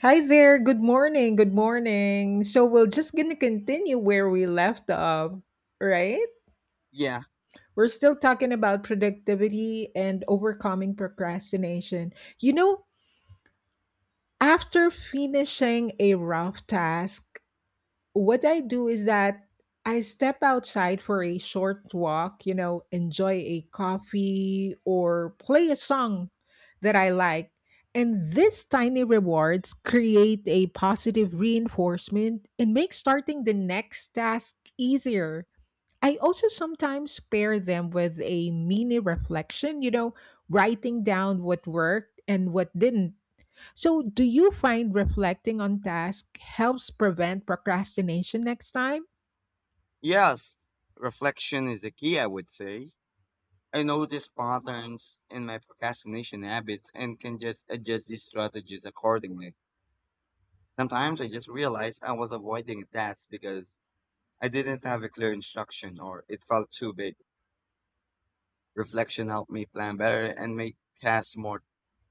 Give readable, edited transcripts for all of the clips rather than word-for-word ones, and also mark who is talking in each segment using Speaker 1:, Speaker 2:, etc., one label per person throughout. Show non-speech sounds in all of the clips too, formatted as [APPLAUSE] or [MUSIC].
Speaker 1: Hi there. Good morning. Good morning. So we're just going to continue where we left off, right?
Speaker 2: Yeah,
Speaker 1: We're still talking about productivity and overcoming procrastination. You know, after finishing a rough task, what I do is that I step outside for a short walk, enjoy a coffee or play a song that I like. And these tiny rewards create a positive reinforcement and make starting the next task easier. I also sometimes pair them with a mini reflection, writing down what worked and what didn't. So, do you find reflecting on tasks helps prevent procrastination next time?
Speaker 2: yes. Reflection is the key, I would say. I notice patterns in my procrastination habits and can just adjust these strategies accordingly. Sometimes I just realize I was avoiding a task because I didn't have a clear instruction or it felt too big. Reflection helped me plan better and make tasks more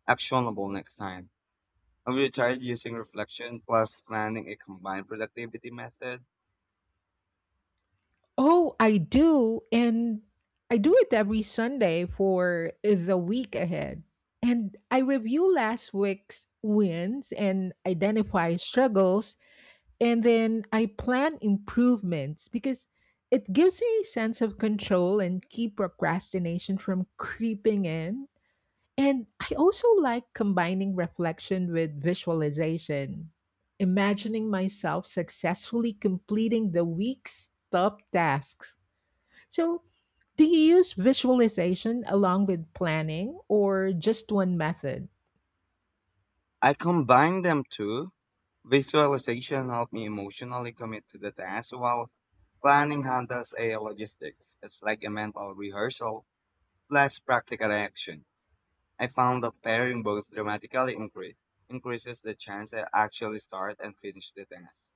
Speaker 2: actionable next time. Have you tried using reflection plus planning a combined productivity method?
Speaker 1: Oh, I do. And I do it every Sunday for the week ahead. And I review last week's wins and identify struggles. And then I plan improvements because it gives me a sense of control and keep procrastination from creeping in. And I also like combining reflection with visualization, imagining myself successfully completing the week's top tasks. So, do you use visualization along with planning or just one method?
Speaker 2: I combine them too. Visualization helped me emotionally commit to the task, while planning handles a logistics. It's like a mental rehearsal plus practical action. I found that pairing both dramatically increases the chance I actually start and finish the task.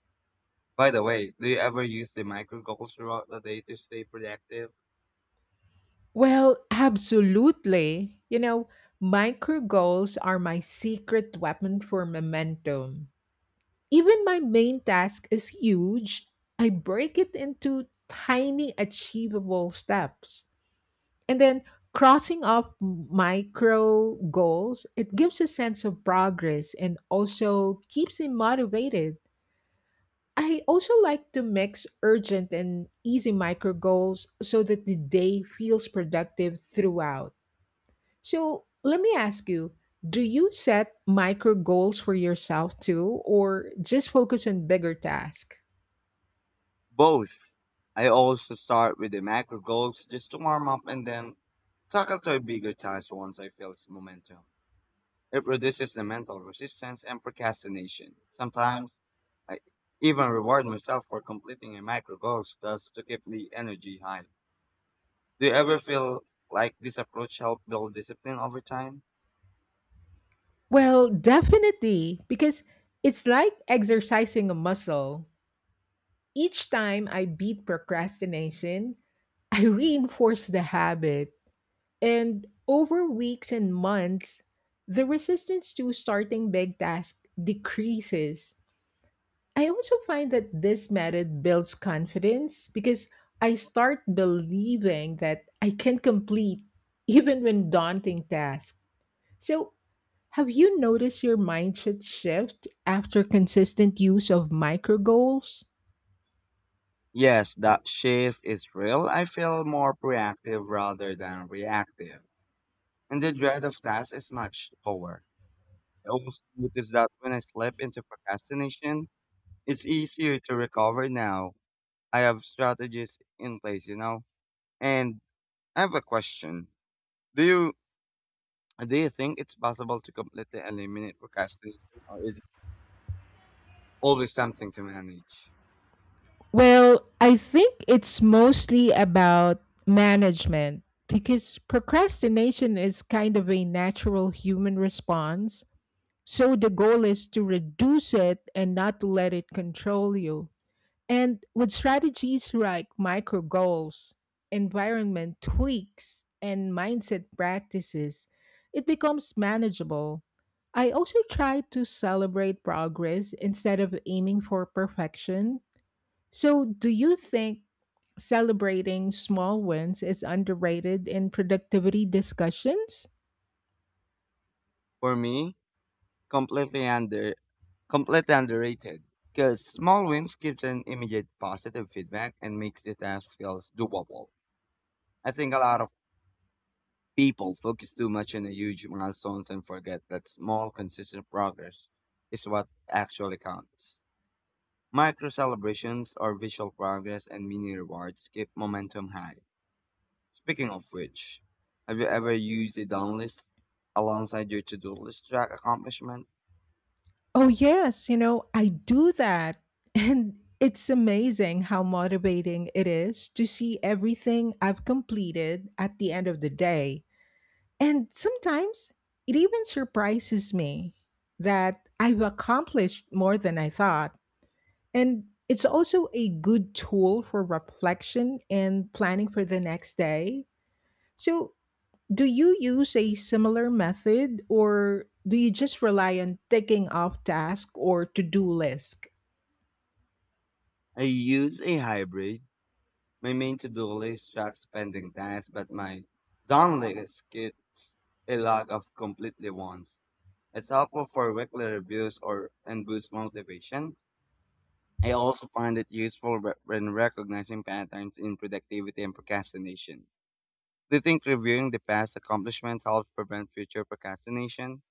Speaker 2: By the way, do you ever use the micro goals throughout the day to stay productive?
Speaker 1: Well, absolutely. Micro goals are my secret weapon for momentum. Even my main task is huge. I break it into tiny achievable steps. And then crossing off micro goals, it gives a sense of progress and also keeps me motivated. I also like to mix urgent and easy micro goals so that the day feels productive throughout. So let me ask you, do you set micro goals for yourself too, or just focus on bigger tasks?
Speaker 2: Both. I also start with the macro goals just to warm up and then tackle to a bigger task once I feel its momentum. It reduces the mental resistance and procrastination. Sometimes I even reward myself for completing a micro goal just to keep the energy high. Do you ever feel like this approach helped build discipline over time?
Speaker 1: Well, definitely, because it's like exercising a muscle. Each time I beat procrastination, I reinforce the habit. And over weeks and months, the resistance to starting big tasks decreases. I also find that this method builds confidence because I start believing that I can complete [LAUGHS] even when daunting tasks. So, have you noticed your mindset shift after consistent use of micro goals?
Speaker 2: Yes, that shift is real. I feel more proactive rather than reactive. And the dread of tasks is much lower. I also notice that when I slip into procrastination, it's easier to recover now. I have strategies in place, you know. And I have a question. Do you do you think it's possible to completely eliminate procrastination, or is it always something to manage?
Speaker 1: Well, I think it's mostly about management because procrastination is kind of a natural human response. So the goal is to reduce it and not to let it control you. And with strategies like micro goals, environment tweaks, and mindset practices, it becomes manageable. I also try to celebrate progress instead of aiming for perfection. So, do you think celebrating small wins is underrated in productivity discussions?
Speaker 2: For me, completely under completely underrated because small wins gives an immediate positive feedback and makes the task feels doable. I think a lot of people focus too much on the huge milestones and forget that small, consistent progress is what actually counts. Micro celebrations or visual progress and mini rewards keep momentum high. Speaking of which, have you ever used a done list alongside your to-do list to track accomplishment?
Speaker 1: Oh, yes. I do that. [LAUGHS] And it's amazing how motivating it is to see everything I've completed at the end of the day. And sometimes it even surprises me that I've accomplished more than I thought. And it's also a good tool for reflection and planning for the next day. So, do you use a similar method or do you just rely on ticking off tasks or to do lists?
Speaker 2: I use a hybrid. My main to-do list tracks pending tasks, but my done list gets a log of completely ones. It's helpful for weekly reviews or and boosts motivation. I also find it useful when recognizing patterns in productivity and procrastination. Do you think reviewing the past accomplishments helps prevent future procrastination?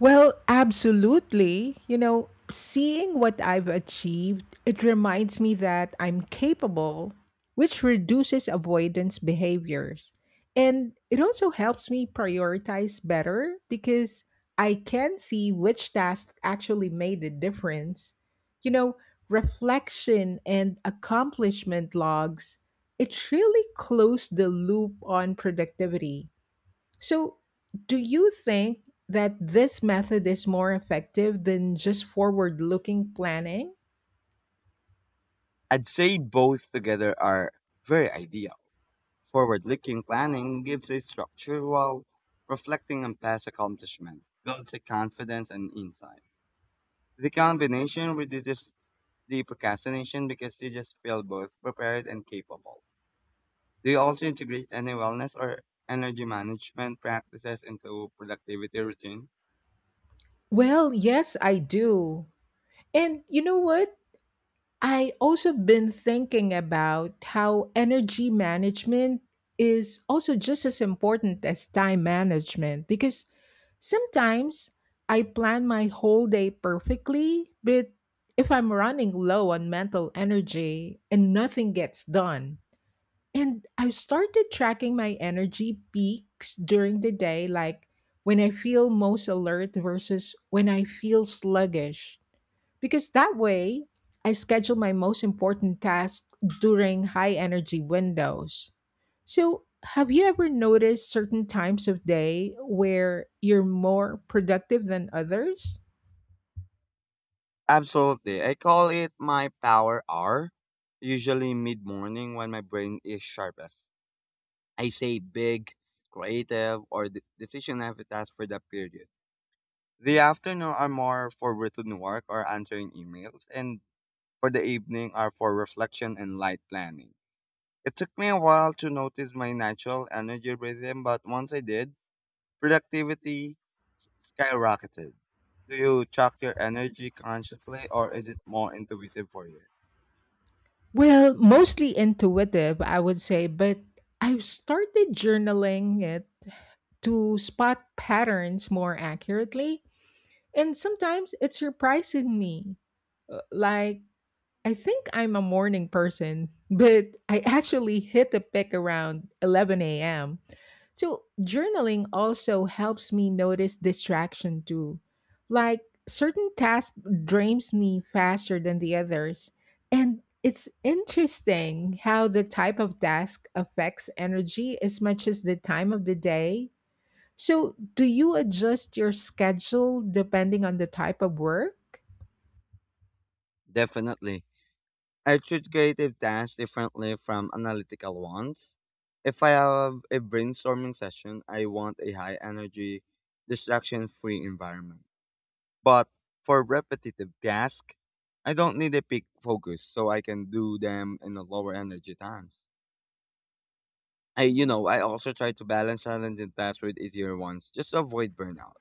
Speaker 1: Well, absolutely. Seeing what I've achieved, it reminds me that I'm capable, which reduces avoidance behaviors. And it also helps me prioritize better because I can see which tasks actually made a difference. You know, reflection and accomplishment logs, it really closed the loop on productivity. So, do you think that this method is more effective than just forward looking planning?
Speaker 2: I'd say both together are very ideal. Forward looking planning gives a structure while reflecting on past accomplishment, builds a confidence and insight. The combination reduces the procrastination because you just feel both prepared and capable. Do you also integrate any wellness or energy management practices into productivity routine?
Speaker 1: Well, yes, I do. And you know what? I also been thinking about how energy management is also just as important as time management because sometimes I plan my whole day perfectly, but if I'm running low on mental energy and nothing gets done. And I've started tracking my energy peaks during the day, like when I feel most alert versus when I feel sluggish. Because that way, I schedule my most important tasks during high energy windows. So, have you ever noticed certain times of day where you're more productive than others?
Speaker 2: Absolutely. I call it my power hour, usually mid morning when my brain is sharpest. I say big, creative, or decision heavy tasks for that period. The afternoon are more for routine work or answering emails, and for the evening are for reflection and light planning. It took me a while to notice my natural energy rhythm, but once I did, productivity skyrocketed. Do you track your energy consciously or is it more intuitive for you?
Speaker 1: Well, mostly intuitive, I would say, but I've started journaling it to spot patterns more accurately. And sometimes it surprises me. Like, I think I'm a morning person, but I actually hit the pick around 11 a.m. So, journaling also helps me notice distraction too. Like certain task drains me faster than the others. And it's interesting how the type of task affects energy as much as the time of the day. So, do you adjust your schedule depending on the type of work?
Speaker 2: Definitely. I treat creative tasks differently from analytical ones. If I have a brainstorming session, I want a high energy, distraction free environment. But for repetitive tasks, I don't need a peak focus, so I can do them in the lower energy times. I, I also try to balance challenging tasks with easier ones, just to avoid burnout.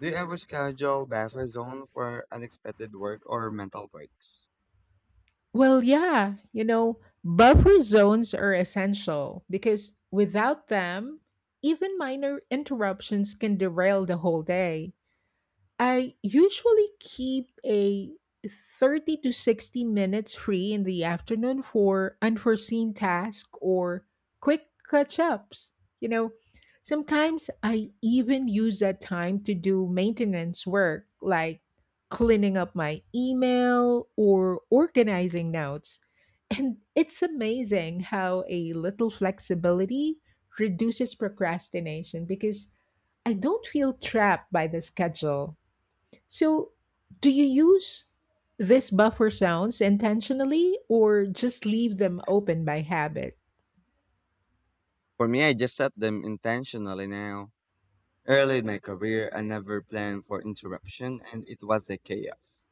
Speaker 2: Do you ever schedule buffer zone for unexpected work or mental breaks?
Speaker 1: Well, yeah, buffer zones are essential because without them, even minor interruptions can derail the whole day. I usually keep a 30 to 60 minutes free in the afternoon for unforeseen tasks or quick catch ups. You know, sometimes I even use that time to do maintenance work like cleaning up my email or organizing notes. And it's amazing how a little flexibility reduces procrastination because I don't feel trapped by the schedule. So, do you use these buffer sounds intentionally or just leave them open by habit?
Speaker 2: For me, I just set them intentionally now. Early in my career, I never planned for interruption, and it was a chaos.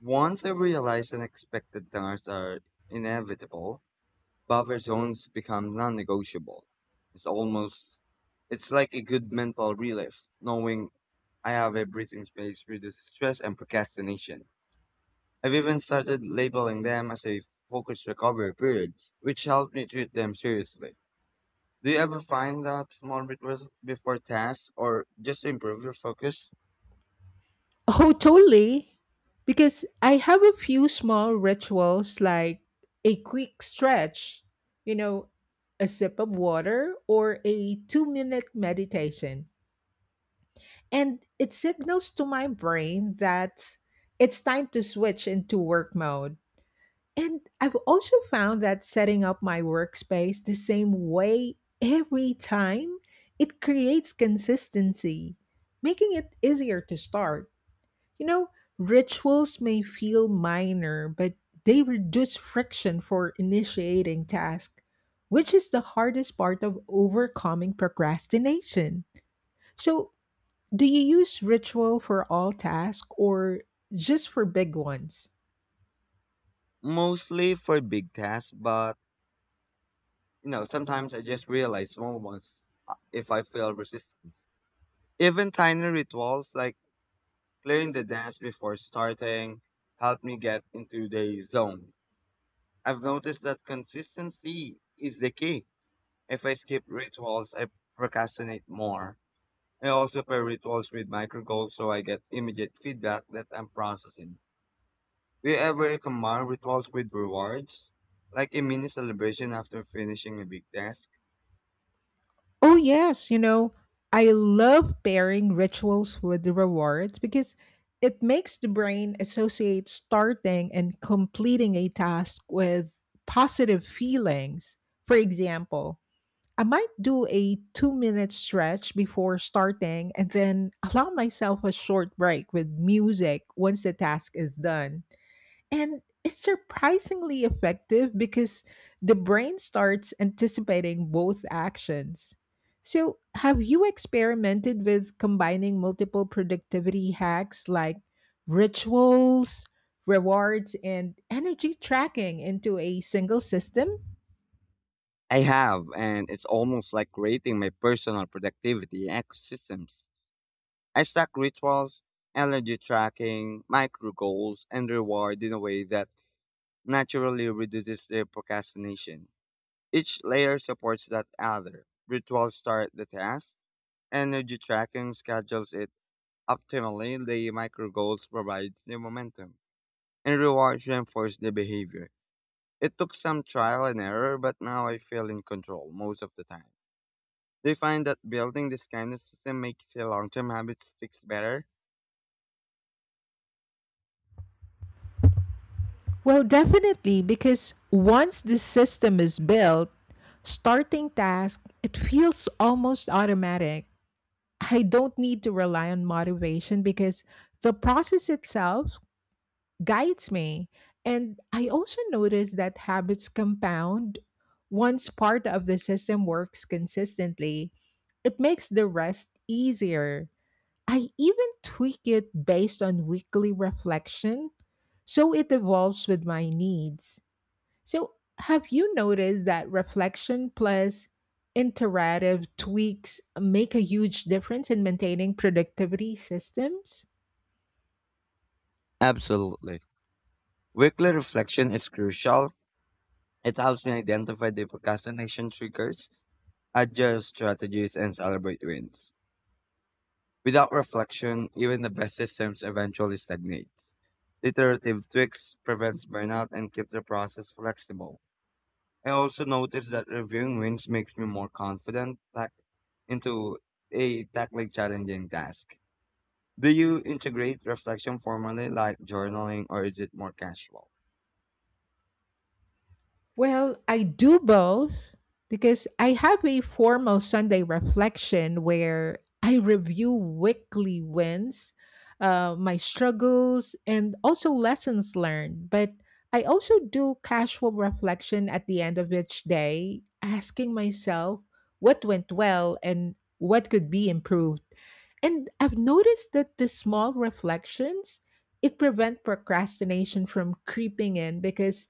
Speaker 2: Once I realized unexpected dinners are inevitable, buffer zones become non-negotiable. It's almost, it's like a good mental relief, knowing I have a breathing space for the stress and procrastination. I've even started labeling them as a focused recovery periods, which helped me treat them seriously. Do you ever find that small bit before tasks or just to improve your focus?
Speaker 1: Oh, totally. Because I have a few small rituals like a quick stretch, you know, a sip of water, or a 2 minute meditation. And it signals to my brain that it's time to switch into work mode. And I've also found that setting up my workspace the same way every time, it creates consistency, making it easier to start. You know, rituals may feel minor, but they reduce friction for initiating tasks, which is the hardest part of overcoming procrastination. So, do you use ritual for all tasks or just for big ones?
Speaker 2: Mostly for big tasks, but you know, sometimes I just realize small ones if I feel resistance. Even tiny rituals like clearing the desk before starting help me get into the zone. I've noticed that consistency is the key. If I skip rituals, I procrastinate more. I also pair rituals with micro goals so I get immediate feedback that I'm processing. Do you ever combine rituals with rewards? Like a mini celebration after finishing a big task?
Speaker 1: Oh, yes. I love pairing rituals with the rewards because it makes the brain associate starting and completing a task with positive feelings. For example, I might do a 2 minute stretch before starting and then allow myself a short break with music once the task is done. And it's surprisingly effective because the brain starts anticipating both actions. So, have you experimented with combining multiple productivity hacks like rituals, rewards, and energy tracking into a single system?
Speaker 2: I have, and it's almost like creating my personal productivity ecosystems. I stack rituals, energy tracking, micro goals, and reward in a way that naturally reduces the procrastination. Each layer supports that other. Rituals start the task, energy tracking schedules it optimally, the micro goals provides the momentum, and rewards reinforce the behavior. It took some trial and error, but now I feel in control most of the time. Do you find that building this kind of system makes your long term habit sticks better?
Speaker 1: Well, definitely, because once the system is built, starting task, it feels almost automatic. I don't need to rely on motivation because the process itself guides me. And I also notice that habits compound once part of the system works consistently. It makes the rest easier. I even tweak it based on weekly reflection so it evolves with my needs. So, have you noticed that reflection plus iterative tweaks make a huge difference in maintaining productivity systems?
Speaker 2: Absolutely. Weekly reflection is crucial. It helps me identify the procrastination triggers, adjust strategies, and celebrate wins. Without reflection, even the best systems eventually stagnates. Iterative tweaks prevents burnout and keeps the process flexible. I also noticed that reviewing wins makes me more confident tack- into a tackling challenging task. Do you integrate reflection formally like journaling or is it more casual?
Speaker 1: Well, I do both because I have a formal Sunday reflection where I review weekly wins, my struggles, and also lessons learned. But I also do casual reflection at the end of each day, asking myself what went well and what could be improved. And I've noticed that the small reflections, it prevent procrastination from creeping in because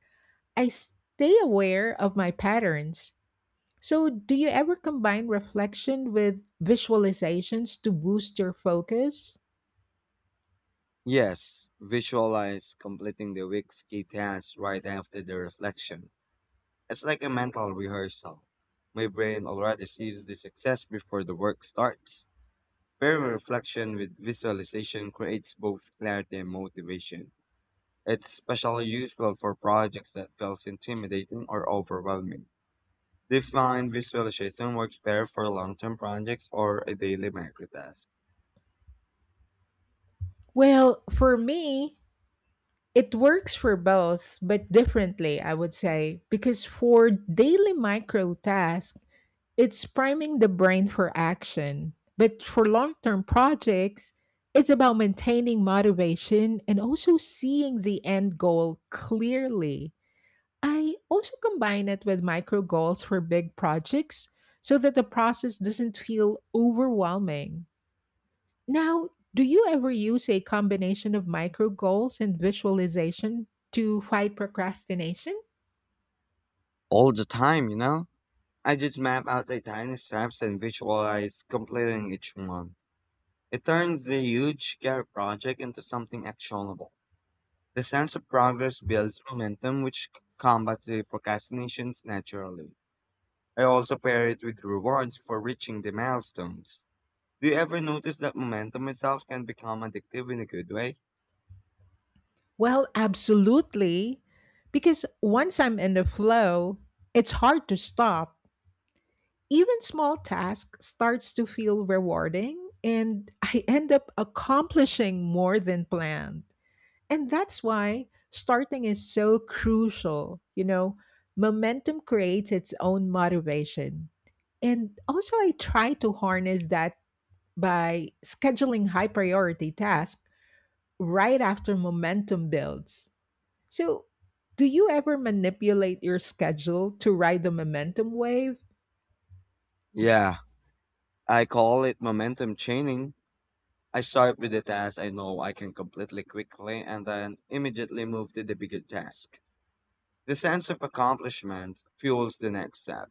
Speaker 1: I stay aware of my patterns. So, do you ever combine reflection with visualizations to boost your focus?
Speaker 2: Yes, visualize completing the week's key tasks right after the reflection. It's like a mental rehearsal. My brain already sees the success before the work starts. Pairing reflection with visualization creates both clarity and motivation. It's especially useful for projects that feels intimidating or overwhelming. Do find visualization works better for long-term projects or a daily micro task?
Speaker 1: Well, for me, it works for both, but differently, I would say, because for daily micro tasks, it's priming the brain for action. But for long term projects, it's about maintaining motivation and also seeing the end goal clearly. I also combine it with micro goals for big projects so that the process doesn't feel overwhelming. Now, do you ever use a combination of micro goals and visualization to fight procrastination?
Speaker 2: All the time, you know? I just map out the tiny steps and visualize completing each one. It turns the huge care project into something actionable. The sense of progress builds momentum, which combats the procrastinations naturally. I also pair it with rewards for reaching the milestones. Do you ever notice that momentum itself can become addictive in a good way?
Speaker 1: Well, absolutely. Because once I'm in the flow, it's hard to stop. Even small task starts to feel rewarding and I end up accomplishing more than planned. And that's why starting is so crucial. Momentum creates its own motivation. And also, I try to harness that by scheduling high priority tasks right after momentum builds. So, do you ever manipulate your schedule to ride the momentum wave?
Speaker 2: Yeah, I call it momentum chaining. I start with the task I know I can completely quickly and then immediately move to the bigger task. The sense of accomplishment fuels the next step,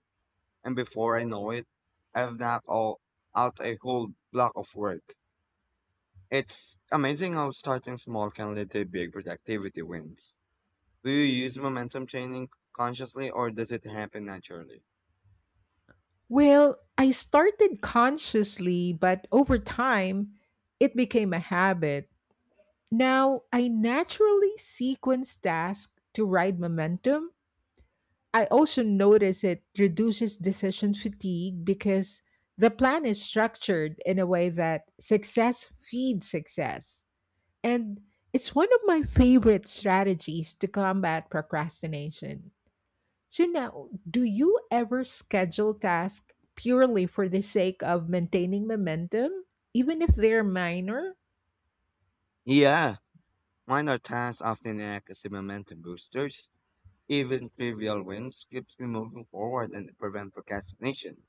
Speaker 2: and before I know it, I have knocked all out a whole block of work. It's amazing how starting small can lead to big productivity wins. Do you use momentum training consciously or does it happen naturally?
Speaker 1: Well, I started consciously, but over time, it became a habit. Now, I naturally sequence tasks to ride momentum. I also notice it reduces decision fatigue because the plan is structured in a way that success feeds success. And it's one of my favorite strategies to combat procrastination. So, now, do you ever schedule tasks purely for the sake of maintaining momentum, even if they're minor?
Speaker 2: Yeah, minor tasks often act as the momentum boosters. Even trivial wins keeps me moving forward and prevent procrastination.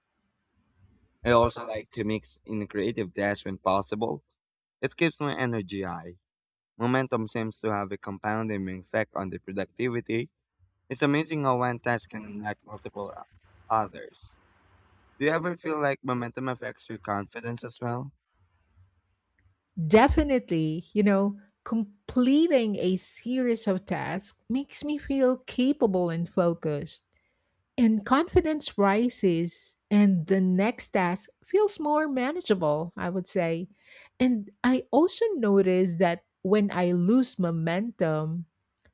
Speaker 2: I also like to mix in a creative dash when possible. It keeps my energy high. Momentum seems to have a compounding effect on the productivity. It's amazing how one task can unlock others. Do you ever feel like momentum affects your confidence as well?
Speaker 1: Definitely, completing a series of tasks makes me feel capable and focused. And confidence rises, and the next task feels more manageable, I would say. And I also notice that when I lose momentum,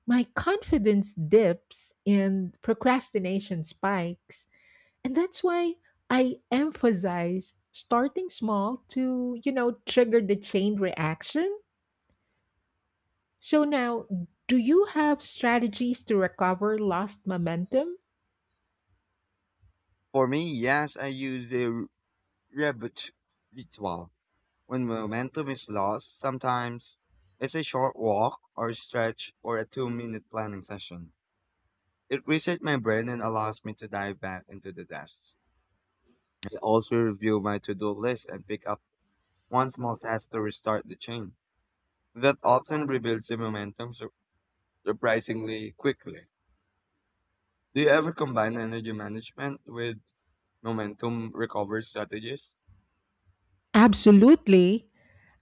Speaker 1: my confidence dips and procrastination spikes. And that's why I emphasize starting small to, trigger the chain reaction. So now, do you have strategies to recover lost momentum?
Speaker 2: For me, yes, I use a rebut ritual. When momentum is lost, sometimes it's a short walk or a stretch or a 2 minute planning session. It resets my brain and allows me to dive back into the tasks. I also review my to do list and pick up one small task to restart the chain. That often rebuilds the momentum surprisingly quickly. Do you ever combine energy management with momentum recovery strategies?
Speaker 1: Absolutely.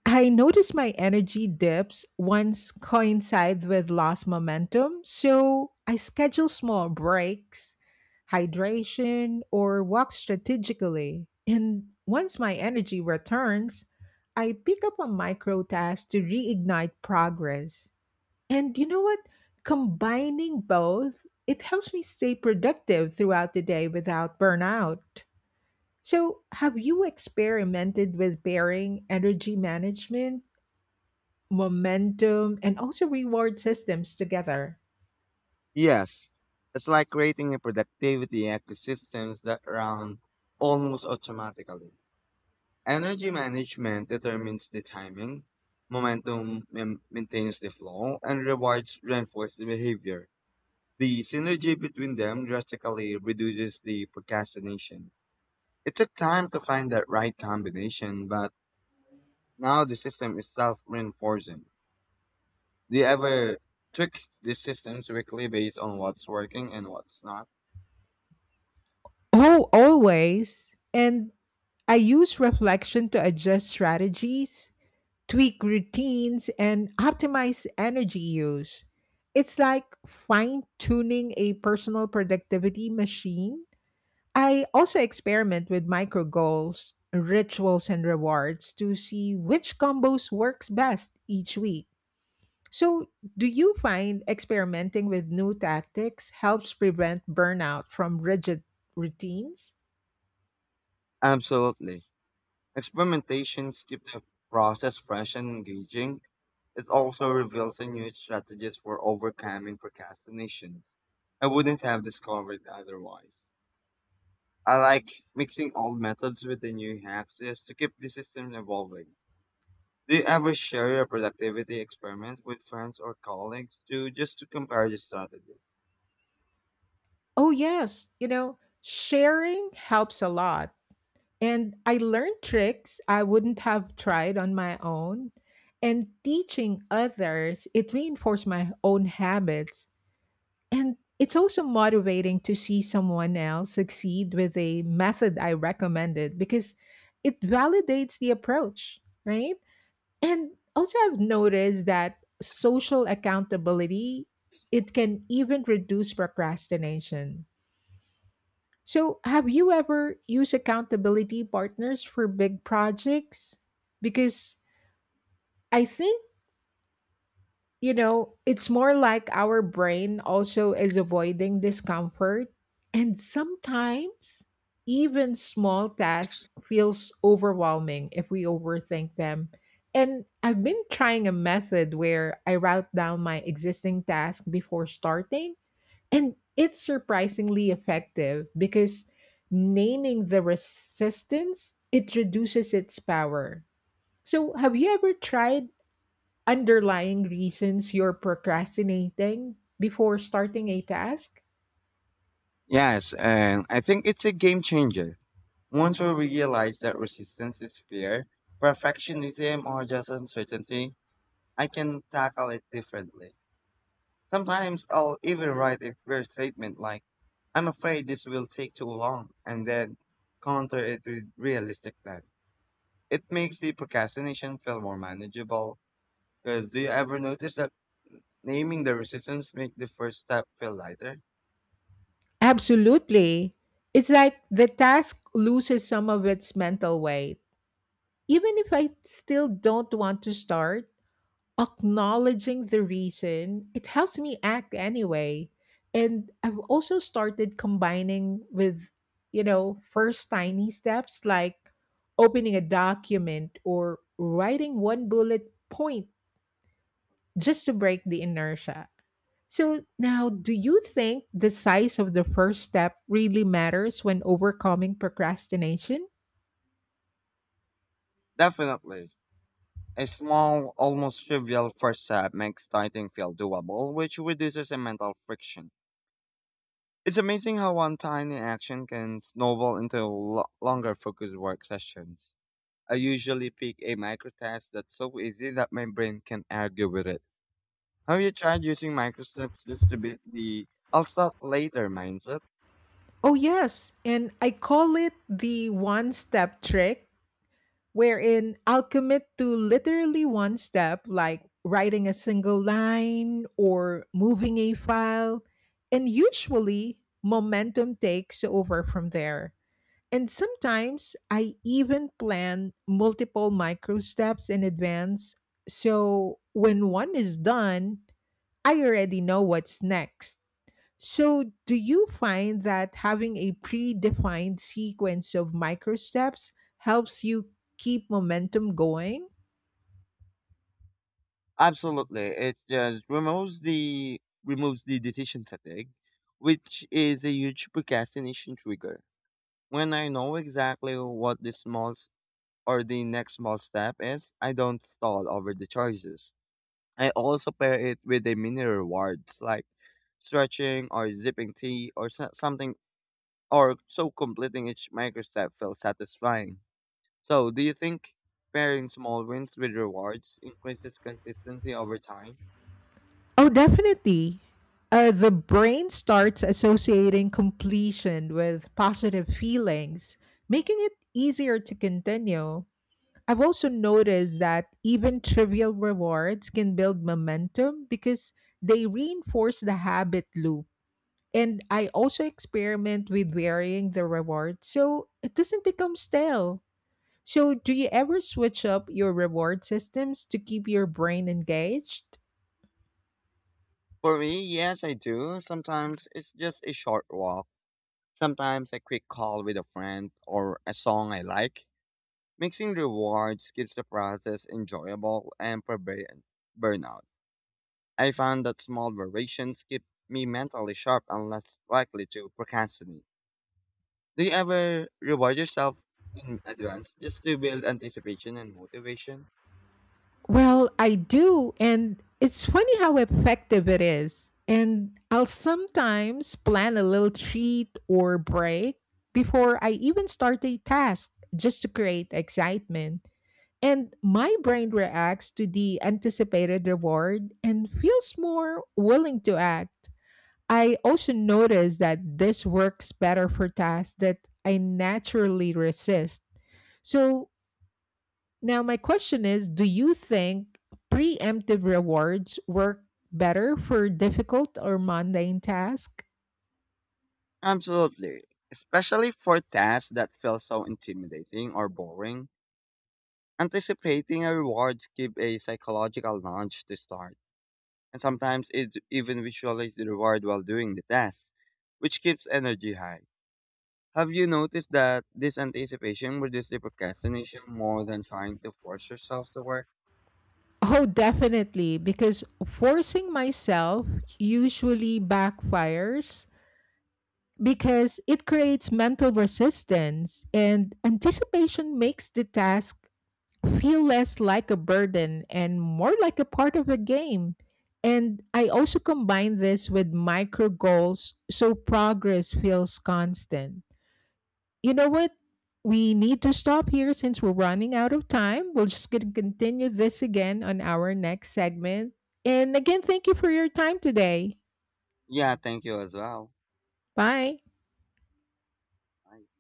Speaker 1: I notice my energy dips once coincide with lost momentum, so I schedule small breaks, hydration, or walk strategically. And once my energy returns, I pick up a micro task to reignite progress. And you know what? Combining both, it helps me stay productive throughout the day without burnout. So, have you experimented with pairing energy management momentum, and also reward systems together?
Speaker 2: Yes, it's like creating a productivity ecosystem that runs almost automatically. Energy management determines the timing, momentum maintains the flow, and rewards reinforce the behavior. The synergy between them drastically reduces the procrastination. It took time to find that right combination, but now the system is self-reinforcing. Do you ever tweak the systems weekly based on what's working and what's not?
Speaker 1: Oh, always. And I use reflection to adjust strategies, tweak routines, and optimize energy use. It's like fine tuning a personal productivity machine. I also experiment with micro goals, rituals, and rewards to see which combos works best each week. So, do you find experimenting with new tactics helps prevent burnout from rigid routines?
Speaker 2: Absolutely. Experimentation keeps the process fresh and engaging. It also reveals a new strategies for overcoming procrastinations. I wouldn't have discovered otherwise. I like mixing old methods with the new hacks just to keep the system evolving. Do you ever share your productivity experiment with friends or colleagues to just to compare the strategies?
Speaker 1: Oh, yes. Sharing helps a lot. And I learned tricks I wouldn't have tried on my own. And teaching others, it reinforced my own habits. And it's also motivating to see someone else succeed with a method I recommended because it validates the approach, right? And also, I've noticed that social accountability, it can even reduce procrastination. So, have you ever used accountability partners for big projects? Because I think, it's more like our brain also is avoiding discomfort. And sometimes even small tasks feels overwhelming if we overthink them. And I've been trying a method where I route down my existing task before starting, and it's surprisingly effective because naming the resistance, it reduces its power. So, have you ever tried underlying reasons you're procrastinating before starting a task?
Speaker 2: Yes, and I think it's a game changer. Once we realize that resistance is fear, perfectionism, or just uncertainty, I can tackle it differently. Sometimes I'll even write a clear statement like, "I'm afraid this will take too long," and then counter it with realistic plan. It makes the procrastination feel more manageable. Because do you ever notice that naming the resistance make the first step feel lighter?
Speaker 1: Absolutely. It's like the task loses some of its mental weight. Even if I still don't want to start, acknowledging the reason, it helps me act anyway. And I've also started combining with, first tiny steps like opening a document or writing one bullet point just to break the inertia. So, now, do you think the size of the first step really matters when overcoming procrastination?
Speaker 2: Definitely. A small, almost trivial first step makes starting feel doable, which reduces the mental friction. It's amazing how one tiny action can snowball into longer focused work sessions. I usually pick a micro task that's so easy that my brain can argue with it. Have you tried using micro steps just to beat the I'll start later mindset?
Speaker 1: Oh, yes. And I call it the one step trick, wherein I'll commit to literally one step, like writing a single line or moving a file. And usually, momentum takes over from there. And sometimes I even plan multiple micro steps in advance. So when one is done, I already know what's next. So, do you find that having a predefined sequence of micro steps helps you keep momentum going?
Speaker 2: Absolutely. It just removes the decision fatigue, which is a huge procrastination trigger. When I know exactly what the next small step is, I don't stall over the choices. I also pair it with a mini rewards like stretching or zipping tea or something, or so completing each micro step feels satisfying. So, do you think pairing small wins with rewards increases consistency over time?
Speaker 1: Oh, definitely. The brain starts associating completion with positive feelings, making it easier to continue. I've also noticed that even trivial rewards can build momentum because they reinforce the habit loop. And I also experiment with varying the reward so it doesn't become stale. So, do you ever switch up your reward systems to keep your brain engaged?
Speaker 2: For me, yes, I do. Sometimes it's just a short walk, sometimes a quick call with a friend, or a song I like. Mixing rewards keeps the process enjoyable and prevents burnout. I found that small variations keep me mentally sharp and less likely to procrastinate. Do you ever reward yourself in advance just to build anticipation and motivation?
Speaker 1: Well, I do. And it's funny how effective it is. And I'll sometimes plan a little treat or break before I even start a task just to create excitement. And my brain reacts to the anticipated reward and feels more willing to act. I also notice that this works better for tasks that I naturally resist. So now, my question is, do you think preemptive rewards work better for difficult or mundane tasks?
Speaker 2: Absolutely. Especially for tasks that feel so intimidating or boring. Anticipating a reward gives a psychological nudge to start, and sometimes it even visualizes the reward while doing the task, which keeps energy high. Have you noticed that this anticipation reduces the procrastination more than trying to force yourself to work?
Speaker 1: Oh, definitely, because forcing myself usually backfires because it creates mental resistance, and anticipation makes the task feel less like a burden and more like a part of a game. And I also combine this with micro goals so progress feels constant. You know what? We need to stop here since we're running out of time. We're just going to continue this again on our next segment. And again, thank you for your time today.
Speaker 2: Yeah, thank you as well.
Speaker 1: Bye.
Speaker 2: Bye.